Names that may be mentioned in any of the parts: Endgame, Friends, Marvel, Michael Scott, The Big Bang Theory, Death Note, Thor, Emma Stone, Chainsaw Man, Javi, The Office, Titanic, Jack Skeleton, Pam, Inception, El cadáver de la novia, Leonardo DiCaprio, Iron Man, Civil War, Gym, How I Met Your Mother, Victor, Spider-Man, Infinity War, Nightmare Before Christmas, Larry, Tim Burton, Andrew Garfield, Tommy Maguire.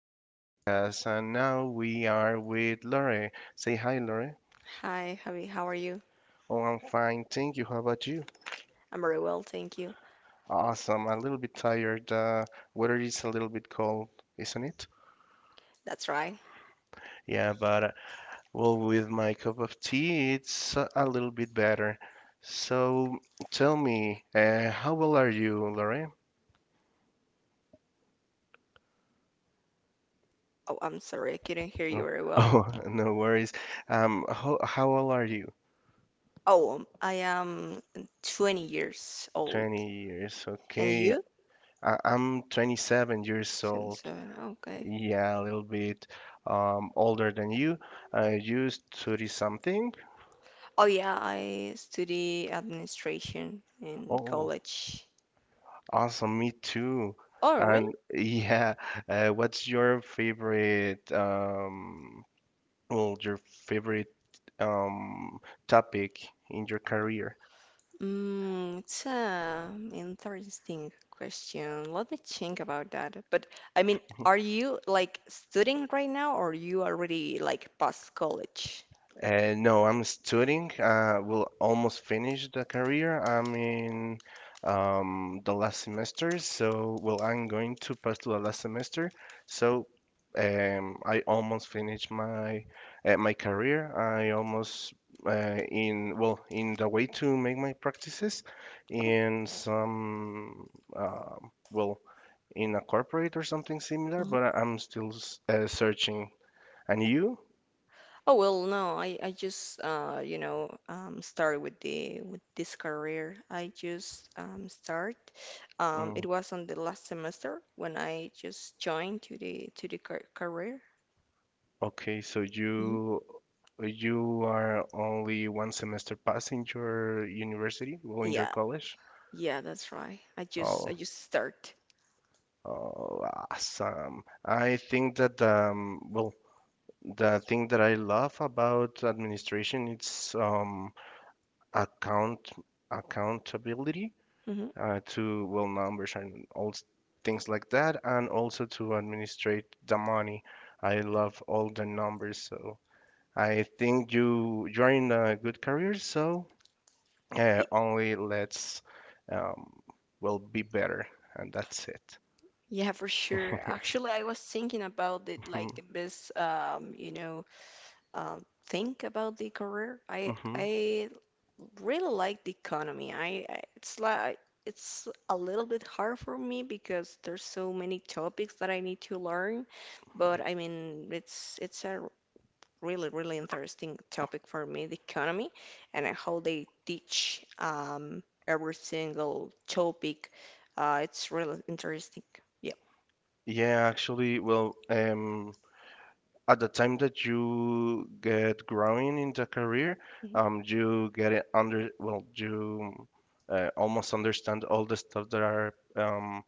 today's podcast. And now we are with Lore. Say hi, Lore. Hi, Javi, how are you? Oh, I'm fine. Thank you. How about you? I'm very well, thank you. Awesome. A little bit tired. Weather is a little bit cold, isn't it? That's right. Yeah, but well, with my cup of tea, it's a little bit better. So tell me, how old are you, Lore? Oh, I'm sorry, I couldn't hear you Oh, very well. oh, no worries. How old are you? Oh, I am 20 years old. 20 years. And Okay. you? I'm 27 years old. 27, okay. Yeah, a little bit older than you. You 30 something? Oh, yeah, I study administration in Oh, college. awesome. Me too. Oh, really? And what's your favorite, well, your favorite um, topic in your career? It's an interesting question. Let me think about that. But I mean, are you like studying right now or you already like past college? No, I'm studying. Will almost finish the career. I'm in the last semester, so well, I'm going to pass to the last semester. So I almost finished my my career. I almost in well in the way to make my practices in some uh, well in a corporate or something similar. Oh. But I'm still searching. And you? Oh well, no, I just started with the with this career. I just start. Mm. It was on the last semester when I just joined to the car career. Okay, so Hmm. you are only one semester past in your university, well, in your Yeah, college. yeah, that's right. Oh, I just start. oh, awesome. I think that well, the thing that I love about administration it's account accountability Hmm. To well numbers and all things like that, and also to administrate the money. I love all the numbers, so. I think you're in a good career, so Y- only let's um, be better, and that's it. Yeah, for sure. Actually, I was thinking about it hmm like the best think about the career. I hmm I really like the economy. I it's like it's a little bit hard for me because there's so many topics that I need to learn, but I mean it's a really really interesting topic for me, the economy, and how they teach every single topic. It's really interesting. Yeah. Yeah, actually, at the time that you get growing in the career, Mhm. You get it under, well, you almost understand all the stuff that are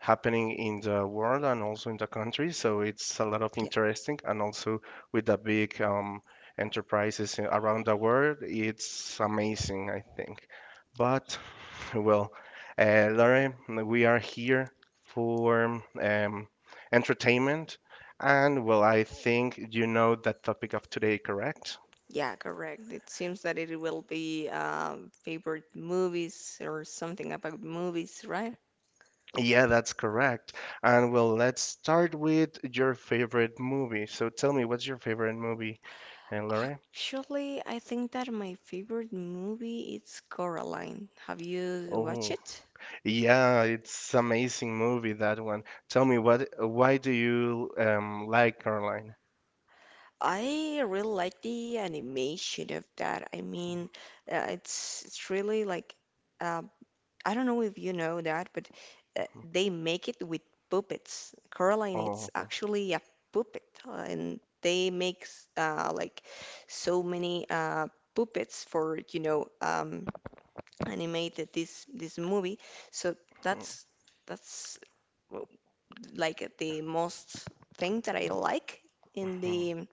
happening in the world and also in the country. So it's a lot of interesting, and also with the big enterprises around the world, it's amazing, I think. But well, Lauren, we are here for entertainment, and well, I think you know that topic of today, correct? Yeah, correct. It seems that it will be favorite movies or something about movies, right? Yeah, that's correct. And well, let's start with your favorite movie. So tell me, what's your favorite movie, Lauren? Actually, I think that my favorite movie is Coraline. Have you watched Oh, it? yeah, it's amazing movie that one. Tell me what why do you like Caroline? I really like the animation of that. I mean, it's really like uh, I don't know if you know that, but they make it with puppets. Coraline, it's Oh. actually a puppet, and they make like so many puppets for animated this movie. So that's that's w- like the most thing that I like in Mhm. the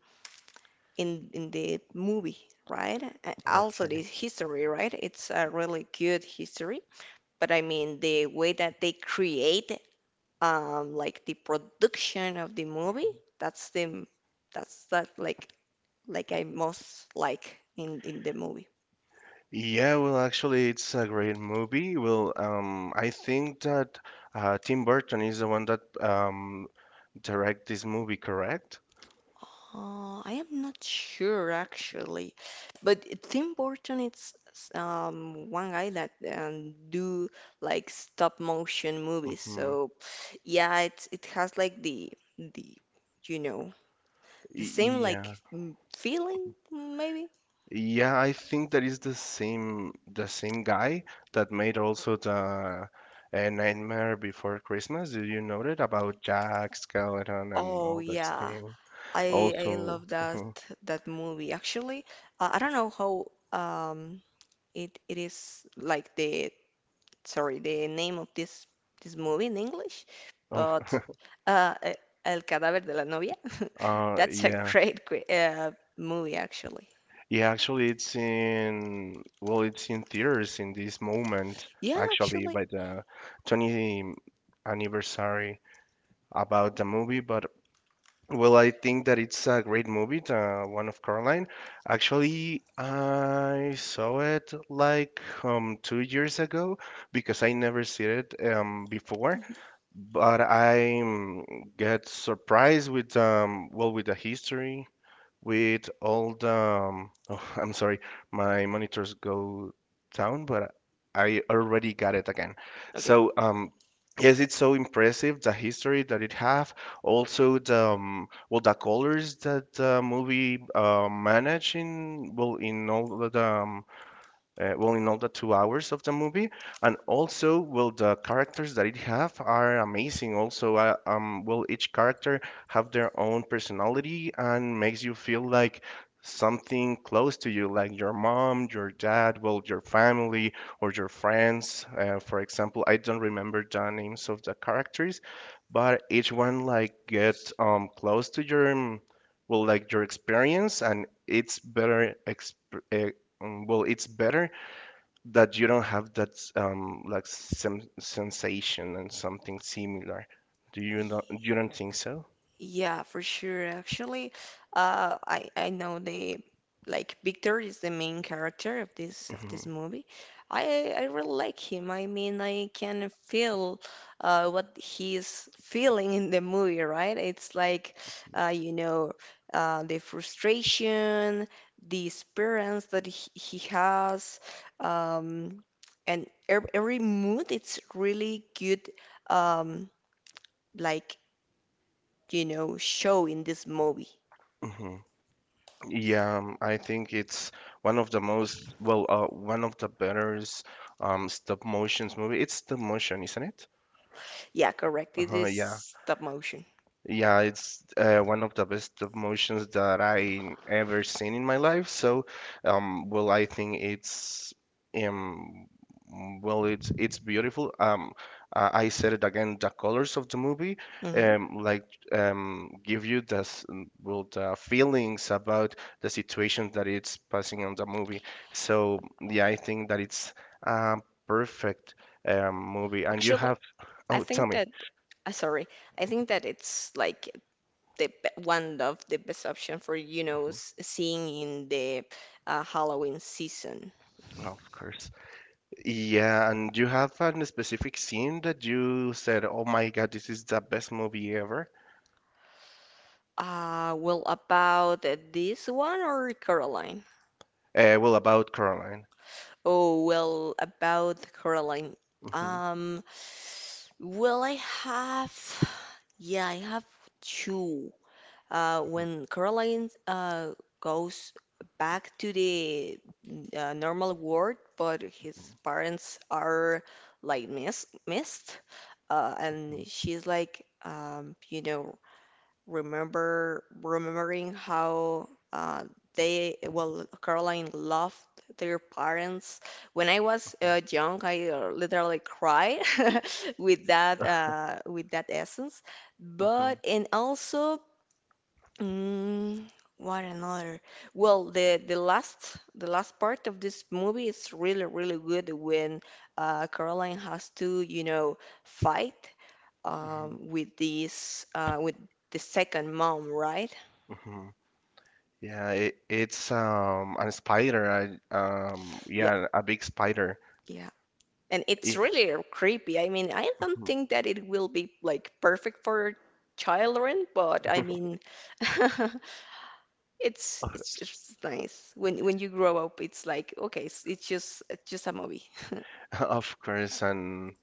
in the movie, right? A- Also the Okay. history, right? It's a really good history, but I mean the way that they create like the production of the movie, that's the that's that like I most like in the movie. Yeah, well, actually, it's a great movie. Well, I think that Tim Burton is the one that direct this movie, correct? I am not sure actually, but Tim Burton it's one guy that do like stop motion movies. Mm-hmm. So yeah, it has like the you know the same like feeling maybe. Yeah, I think that is the same guy that made also the Nightmare Before Christmas. Did you know that about Jack Skeleton and Oh all that yeah, thing? I Also, love that movie. Actually, I don't know how um it it is like the sorry the name of this movie in English, oh, but uh e- El cadáver de la novia. uh, That's a yeah, great great movie actually. yeah. Actually, it's in well, it's in theaters in this moment. Yeah, Actually, actually. by the 20th anniversary about the movie, but well, I think that it's a great movie, the one of Caroline. Actually, I saw it like 2 years ago because I never seen it before. Mhm. But I get surprised with with the history with all the oh, I'm sorry, my monitors go down, but I already got it again. Okay. So yes, it's so impressive the history that it have, also the the colors that the movie manage in well in all the in all the 2 hours of the movie, and also, well, the characters that it have are amazing. Also, each character have their own personality and makes you feel like something close to you, like your mom, your dad, well, your family or your friends. For example, I don't remember the names of the characters, but each one like get close to your like your experience, and it's uh, it's better that you don't have that sensation and something similar. Do you not? You don't think so? Yeah, for sure. Actually, I know the like Victor is the main character of Hmm this movie. I really like him. I mean, I can feel what he's feeling in the movie, right? It's like uh, you know the frustration, the experience that he has, um, and every mood. It's really good. Um, like you know, show in this movie. hmm Yeah, I think it's one of the better stop motions movie. It's stop motion, isn't it? Yeah, correct. It Uh-huh, is yeah. stop motion. Yeah, it's one of the best emotions that I ever seen in my life. So, I think it's um, it's beautiful. I said it again. The colors of the movie, Hmm. um, like give you the s- well the feelings about the situation that it's passing on the movie. So, yeah, I think that it's a perfect movie. And you Actually, have I oh, tell think me. that, uh, sorry, I think that it's like one of the best option for, you know, Mhm. Seeing in the Halloween season. Of course. Yeah, and you have a specific scene that you said, "Oh my God, this is the best movie ever." About this one or Caroline? Well, about Coraline. Oh, well, about Caroline. Hmm Um, well, I have, yeah, I have two. Hmm When Caroline goes back to the normal world, but his parents are like missed, hmm and she's like, remembering how they well Caroline loved their parents. When I was young, I literally cried with that essence, hmm but and also. Mm, what another? Well, the last part of this movie is really really good when Caroline has to you know fight with this with the second mom, right? hmm Yeah, it's a spider. Yeah, Yeah, a big spider. yeah. And it's Yeah. really creepy. I mean, I don't Mhm. think that it will be like perfect for children, but I mean, it's Of it's course. it's nice when you grow up. It's like okay, it's just a movie. Of course, and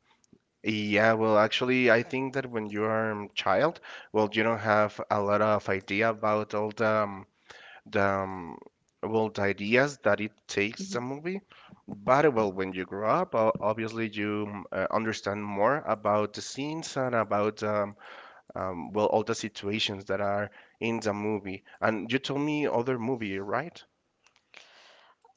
yeah, well, actually, I think that when you are a child, well, you don't have a lot of idea about all the the um, the ideas that it takes the movie, but well when you grow up obviously you understand more about the scenes and about all the situations that are in the movie. And you told me other movie, right?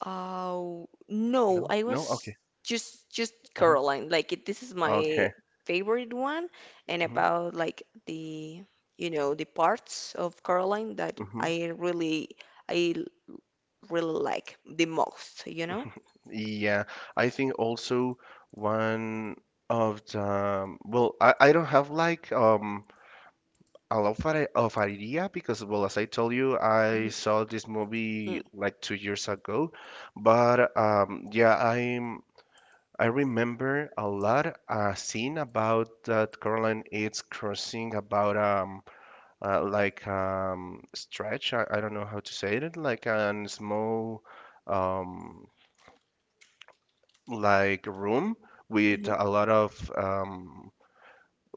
Oh, no, No, I no, was okay. Just Uh-huh. Caroline. Like it, this is my Okay. favorite one, and Mhm. about like the you know the parts of Caroline that Mhm. I I l- really like the most, you know? Yeah, I think also one of the I don't have like I love Far- of Ariria because, well, as I told you, I Mm-hmm. saw this movie like 2 years ago. But yeah, I remember a lot a scene about that Caroline is crossing about stretch. I don't know how to say it, like a small um like room with Mm-hmm. a lot of um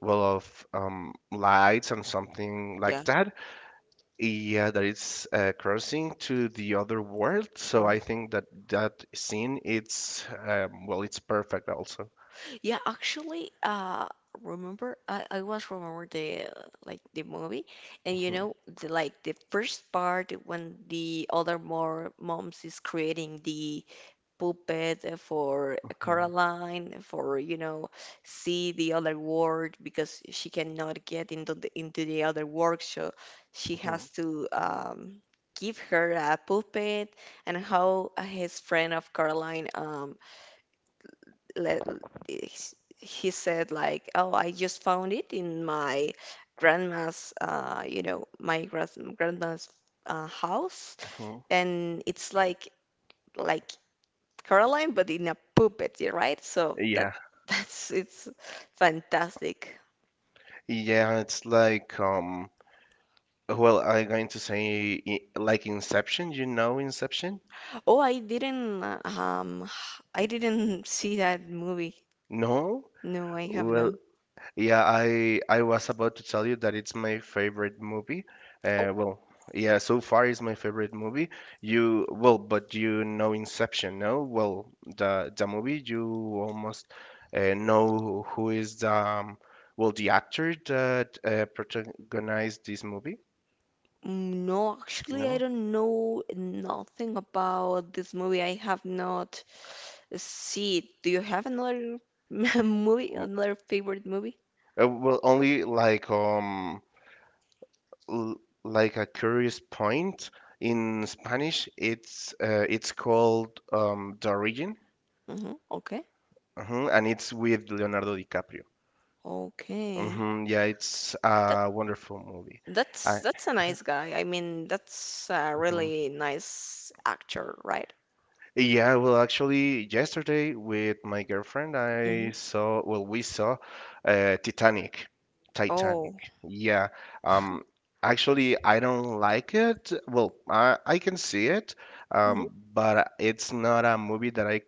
well of um lights and something Yeah. like that. Yeah, that is crossing to the other world. So I uh think that that scene, it's it's perfect also. Yeah, actually remember I was remember the like the movie, and you Mhm, know the like the first part when the other more moms is creating the puppet, for mhm, Coraline, for, you know, see the other world because she cannot get into the other world. So she has mhm, to give her a puppet, and how his friend of Coraline, let, he said like, oh, I just found it in my grandma's, you know, my grand grandma's house. mhm. And it's like Caroline, but in a puppet, yeah, right? So that Yeah, that's it's fantastic. yeah, it's like I'm going to say like Inception. You know Inception? Oh, I didn't see that movie. No? No, I have Well. no. Yeah, I was about to tell you that it's my favorite movie. Oh, Uh, well, yeah, so far it's my favorite movie. You well, but you know Inception, no? Well, the movie you almost know who is the the actor that protagonized this movie, mm, no, actually, I no? don't know nothing about this movie. I have not seen it. Do you have another movie, Mm. another favorite movie? Well, only like l like a curious point in Spanish, it's called the origin. Hmm. Okay. Hmm And it's with Leonardo DiCaprio. Okay. Hmm Yeah, it's a wonderful movie. I, That's a nice guy. I mean, that's a mhm. really nice actor, right? Yeah, well, actually, yesterday with my girlfriend, I Hmm. saw, well, we saw Titanic. Titanic. Oh, Yeah. Um, Actually, I don't like it. Well, I can see it, hmm. But it's not a movie that I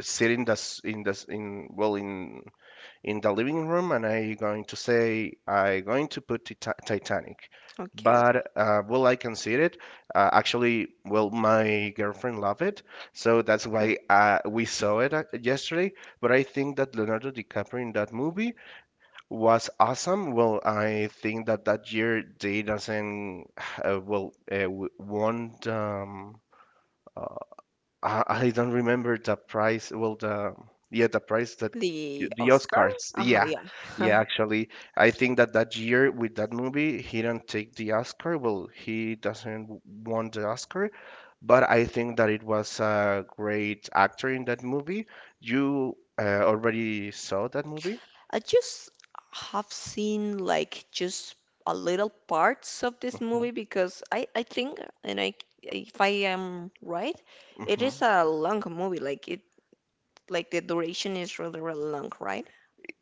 sit in the s- in the s- in well in the living room and I'm going to say I'm going to put Titanic. Okay. But will I consider it? Actually, well, my girlfriend loved it, so that's Mhm. why we saw it yesterday. But I think that Leonardo DiCaprio in that movie was awesome. Well, I think that that year they doesn't won uh, I don't remember the price. Well, the Yeah, the price that The the Oscar? Oscars. Uh-huh, Yeah, yeah. yeah. Actually, I think that that year with that movie, he didn't take the Oscar. Well, he doesn't won the Oscar, but I think that it was a great actor in that movie. You already saw that movie? I just have seen like just a little parts of this Hmm movie because I think, and I if I am right, it hmm is a long movie. Like it like the duration is really really long, right?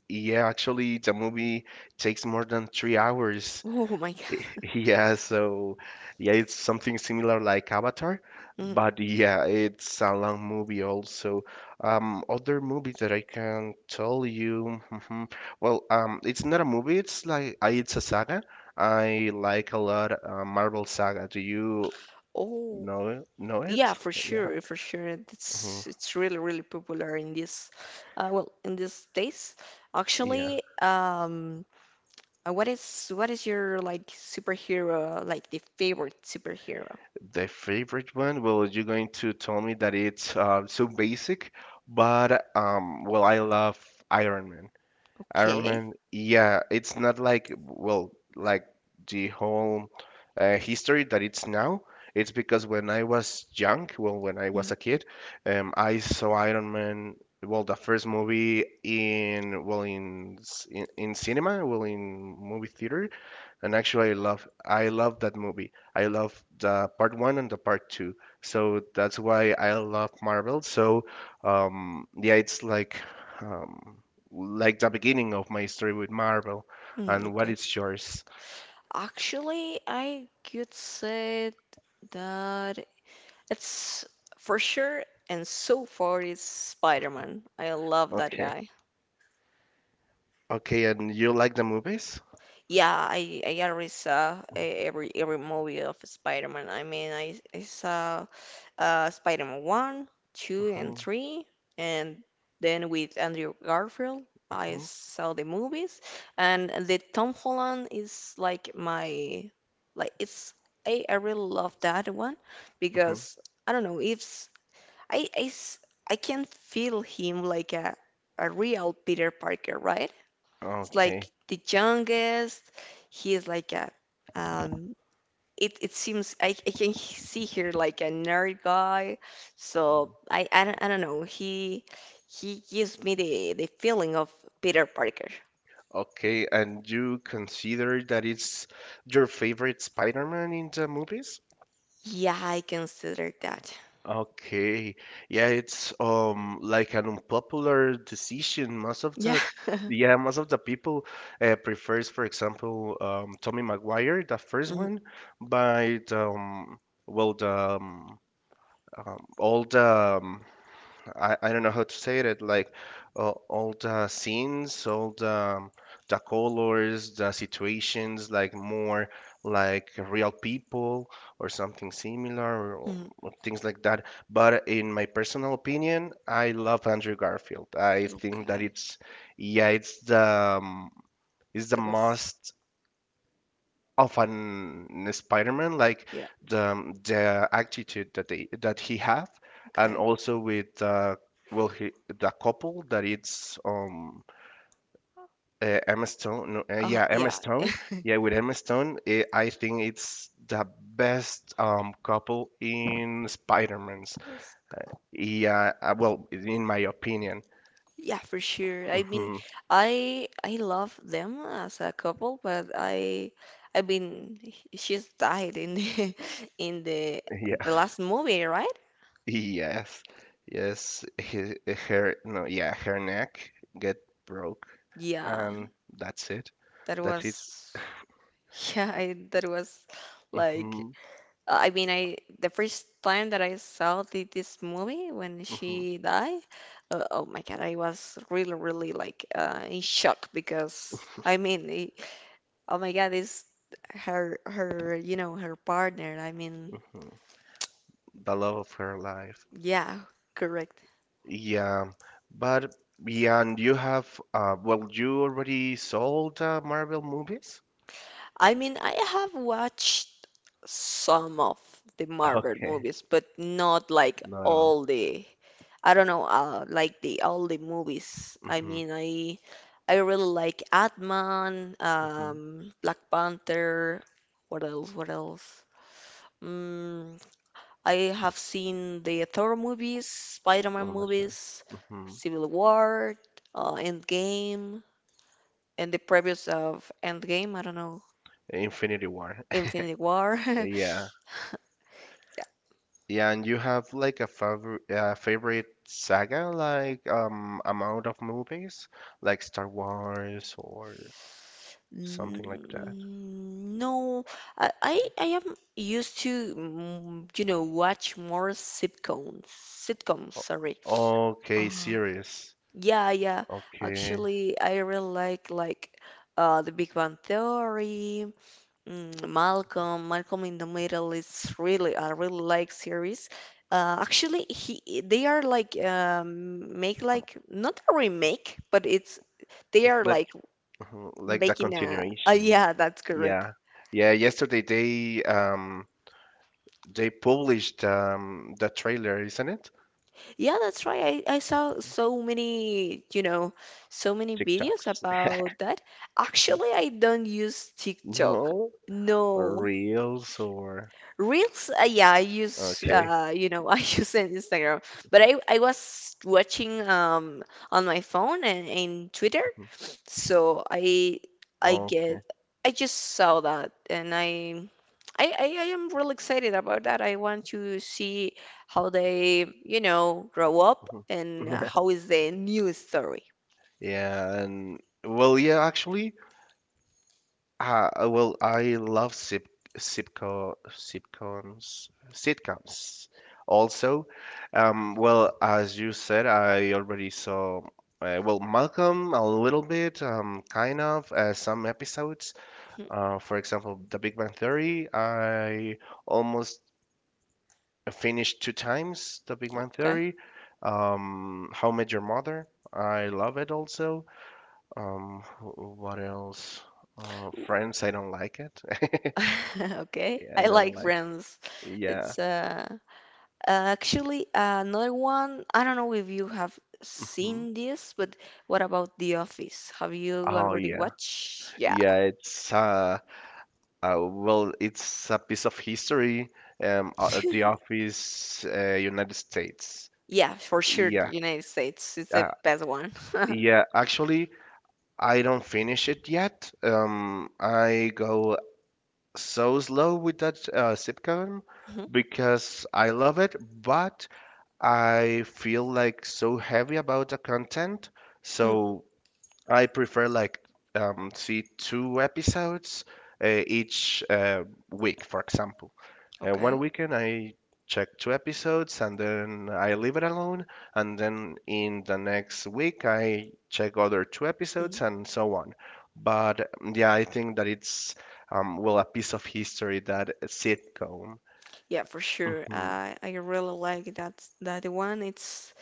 Yeah, actually, the movie takes more than 3 hours. Oh my God. Yeah, so yeah, it's something similar like Avatar, but yeah, it's a long movie also. Other movie that I can tell you, mhm, well, it's not a movie, it's like it's a saga. I like a lot Marvel Saga. Do you Mhm. Know Yeah, it? for Yeah. sure, for sure. Mhm. It's really really popular in this, in these days. Yeah, Actually, what is your like superhero like the favorite superhero? the favorite one. Well, you're going to tell me that it's so basic, but well, I love Iron Man. Iron Okay. Man, yeah, it's not like, well, like the whole history that it's now. It's because when I was young, well, when I was Mm, a kid, I saw Iron Man, well, the first movie in, well, in cinema, well, in movie theater. And actually, I love that movie. I love the part one and the part two. So that's why I love Marvel. So yeah, it's um, like the beginning of my story with Marvel. mm, And what okay. is yours? Actually, I could say that it's for sure and so far is Spider-Man. I love that Okay. guy. Okay, and you like the movies? Yeah, I already saw every movie of Spider-Man. I mean, I saw Spider-Man 1, 2 and Hmm 3 and then with Andrew Garfield, I hmm saw the movies, and the Tom Holland is like my like it's I really love that one hmm because I don't know, it's I s- I can feel him like a real Peter Parker, right? Like Okay. the youngest. He is like a um it it seems I can see here like a nerd guy. So I don't know. He gives me the feeling of Peter Parker. Okay, and you consider that it's your favorite Spider-Man in the movies? Yeah, I consider that. Okay. Yeah, it's like an unpopular decision. Most of Yeah. the yeah, most of the people prefers, for example, Tommy Maguire, the first Mhm, one, by the, well, the um, all the um, I don't know how to say it, like all the scenes, all the colors, the situations, like more like real people or something similar, mhm. or things like that. But in my personal opinion, I love Andrew Garfield. I think that Okay. it's the it's the The best. most of an Spider-Man, like Yeah. The attitude that they that he have, and Okay. also with the couple that it's Emma Stone, no, yeah Emma Yeah, Stone, yeah with Emma Stone, I think it's the best couple in Spider-Man's. it was. Yeah, well in my opinion. Yeah, for sure. I mean, Mhm. I love them as a couple, but she's died in the in the Yeah, last movie, right? yes, yes, he, her no, yeah her neck get broke, Yeah, and that's it. that That's it. was yeah, that was like Hmm. I mean, I the first time that I saw this movie when Hmm. she died, oh my God, I was really really like in shock because I mean, I oh my God, Is her you know her partner. I mean, Hmm. The love of her life. yeah, correct. Yeah, but yeah, and you have well, you already sold Marvel movies? I mean, I have watched some of the Marvel Okay, movies, but not like not all. all the. I don't know, like the all the movies. I Mm-hmm, mean, I I really like Ant-Man, mm-hmm. Black Panther. What else? What else? Mm, I have seen the Thor movies, Spider-Man Oh, that's movies, right. Hmm. Civil War, Endgame, and the previous of Endgame, I don't know, Infinity War. Infinity War. Yeah. Yeah, and you have like a favorite favorite saga, like amount of movies, like Star Wars or something like that. Mm, no, I am used to, mm, you know, watch more sitcoms. Sitcoms, sorry. Okay, Uh, series. yeah, yeah. Okay, Actually, I really like The Big Bang Theory, Malcolm in the Middle is really I really like series. Actually, he they are like make like not a remake, but it's they it's are like like like the making a continuation. yeah, that's correct. Yeah, yeah. Yesterday they published the trailer, isn't it? Yeah, that's right. I saw so many, you know, so many videos TikToks. about that. Actually, I don't use TikTok. No, or No. reels or Reels, yeah, I use, okay. I use in Instagram, but I was watching on my phone and in Twitter, Mhm. so I Okay. get I just saw that, and I am really excited about that. I want to see how they, you know, grow up Mhm. and how is the new story. Yeah, and well, yeah, actually. Well, I love sip sitco sitcoms sitcoms also. Well, as you said, I already saw well Malcolm a little bit, kind of some episodes. Mhm. For example, The Big Bang Theory. I almost finished two times The Big Bang Okay. Theory. How I Met Your Mother. I love it also. What else? W- Friends, I don't like it. okay, Yeah, I I don't like like. Friends. Yeah. It's uh. Actually, another one, I don't know if you have Hmm. seen this, but what about The Office? Have you Oh already yeah. watched? Yeah. Yeah, it's well, it's a piece of history The Office United States. Yeah, for sure, the Yeah. United States is the Uh, best one. yeah, actually I don't finish it yet. Um, I go so slow with that sitcom Mhm. because I love it, but I feel like so heavy about the content. Mm, So I prefer like see two episodes each week, for example. One okay. weekend I check two episodes and then I leave it alone, and then in the next week I check other two episodes Mm. and so on. But mm, yeah, I think that it's well a piece of history that sitcom. Yeah, for sure. I really like that that one. It's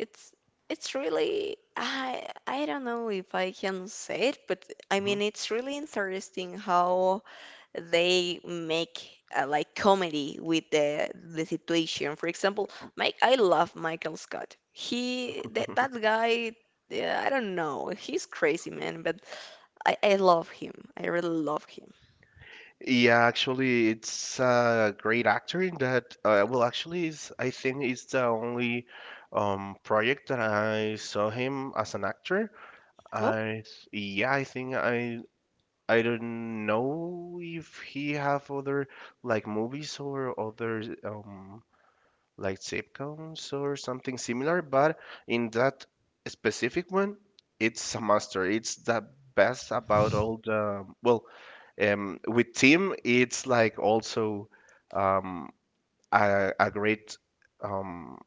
It's it's really I don't know if I can say it, but I Hmm. mean it's really interesting how they make like comedy with the situation. For example, Mike, I love Michael Scott. He that that guy, yeah, I don't know, he's crazy man, but I love him. I really love him. Yeah, actually, it's a great actor in that. Well, actually, is I think it's the only project that I saw him as an actor. Oh Yeah, I think I don't know if he have other like movies or other like zip sitcoms or something similar, but in that specific one, it's a master. It's the best about all the well, with Tim, it's like also um, a great um,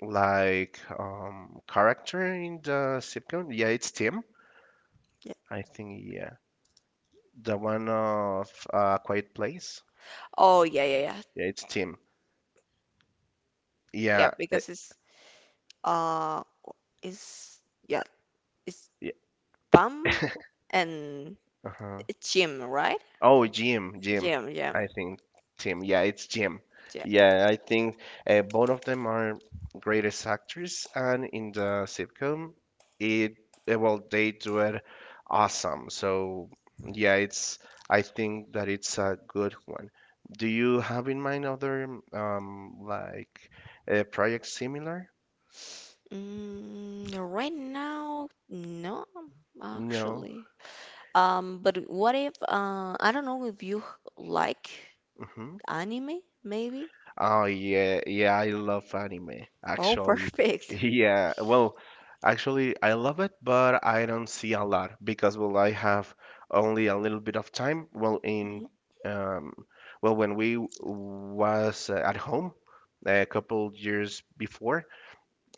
character in the zip sitcom. Yeah, it's Tim. yeah. I think yeah, the one of Quiet Place. Oh yeah yeah yeah, Yeah, it's Tim. yeah Yeah, because uh it's yeah it's yeah. Pam and Uh-huh. Gym, right? Oh, Jim, Jim. Gym, yeah, I think Tim. Yeah, it's Jim. yeah. Yeah, I think both of them are greatest actors, and in the sitcom, it well they do it awesome. So yeah, it's I think that it's a good one. Do you have in mind other um like projects similar? Mm, right now, no, No. actually. But what if I don't know if you like Mm-hmm. anime, maybe? Oh yeah, yeah, I love anime Oh, actually. perfect. Yeah, well, actually I love it, but I don't see a lot because well I have only a little bit of time. Well, in um well when we was at home a couple years before,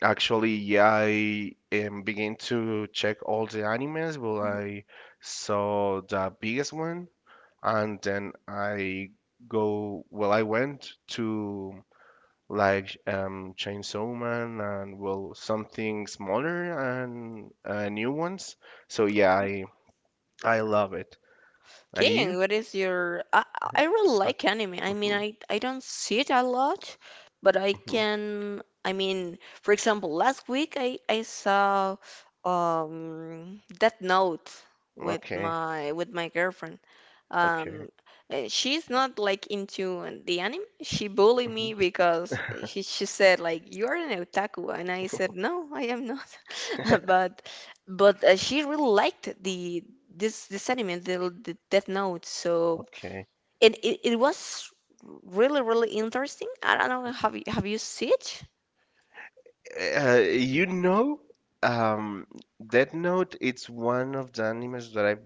actually yeah, I began to check all the animes. Well, Mhm. I saw the biggest one and then I go well I went to like Chainsaw Man and well something smaller and new ones. So yeah, I love it. And Okay, you? what is your? I really Uh, like anime. I mean, mhm, I don't see it a lot, but I mhm. can. I mean, for example, last week I saw Death Note with Okay, my girlfriend. okay, Um, and she's not like into the anime. She bullied mhm, me because she said like you are an otaku, and I said no, I am not. but but she really liked the this anime the Death Note, so okay. and it was really really interesting. I don't know, have you seen it? You know, um, Death Note. It's one of the animes that I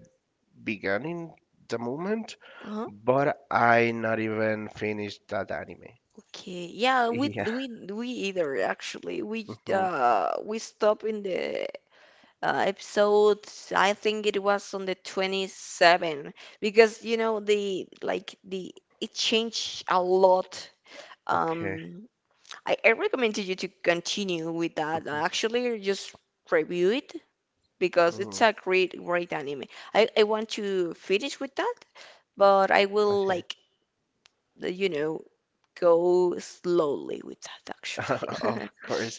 began in the moment, Uh-huh. but I not even finished that anime. Okay yeah, we Yeah. we we either. Actually, Mhm. We stopped in the episode, I think it was on the 27 because you know the like the it changed a lot, um. Okay. I recommended you to continue with that. Mhm, Actually, just review it because it's mhm. a great, great anime. I want to finish with that, but I will Okay. like, you know, go slowly with that actually. Of course.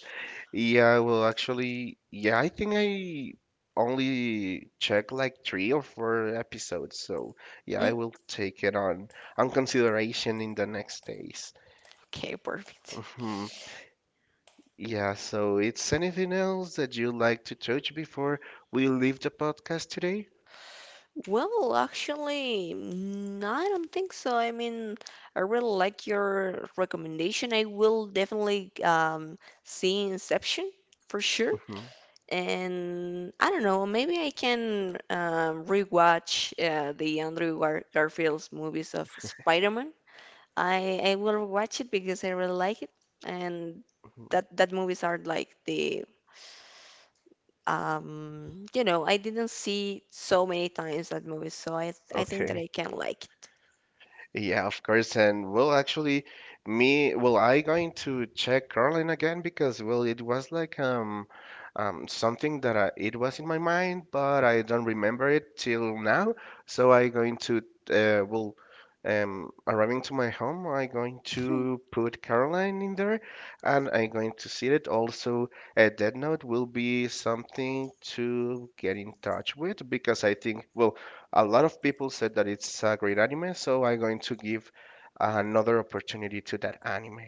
Yeah, well, actually, yeah, I think I only checked like three or four episodes, so yeah, I Mm, will take it on consideration in the next days. okay, perfect. Hmm. Yeah, so it's anything else that you'd like to touch before we leave the podcast today? Well, actually, mm, I don't think so. I mean, I really like your recommendation. I will definitely see Inception for sure. Hmm. And I don't know, maybe I can rewatch the Andrew Gar Garfield's movies of Spider-Man. I will watch it because I really like it, and Hmm. that that movies are like the you know I didn't see so many times that movie, so I think that Okay. I can like it. Yeah, of course. And well, actually, me, well, I going to check Carlin again because, well, it was like something that I, it was in my mind, but I don't remember it till now. So I going to uh, well, arriving to my home, I going to put Caroline in there, and I going to see it. Also, a Dead Note will be something to get in touch with because I think, well a lot of people said that it's a great anime, so I'm going to give another opportunity to that anime.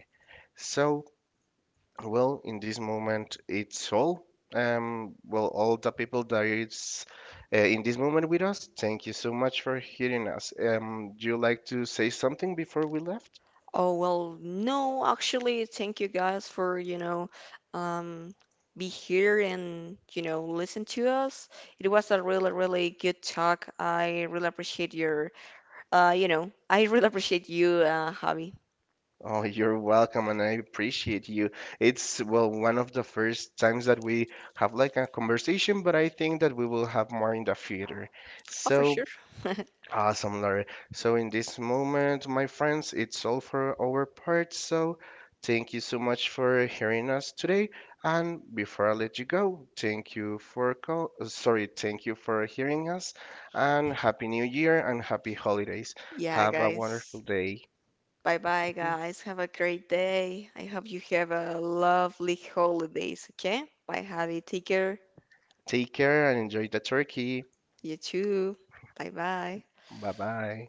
So, well, in this moment, it's all. Well, all the people that is in this moment with us, thank you so much for hearing us. Do you like to say something before we left? Oh, well, no, actually, thank you guys for, you know, um, be here and, you know, listen to us. It was a really, really good talk. I really appreciate your, I really appreciate you, Javi. Oh, you're welcome, and I appreciate you. It's, well, one of the first times that we have like a conversation, but I think that we will have more in the future. Oh, for So, sure. awesome, Larry. So in this moment, my friends, it's all for our part. So thank you so much for hearing us today. And before I let you go, thank you for hearing us. And happy New Year and happy holidays. Yeah, Have a wonderful guys. day. Bye bye, Mhm. guys. Have a great day. I hope you have a lovely holidays, okay? Bye, Javi. Take care. Take care and enjoy the turkey. You too. Bye bye. Bye bye.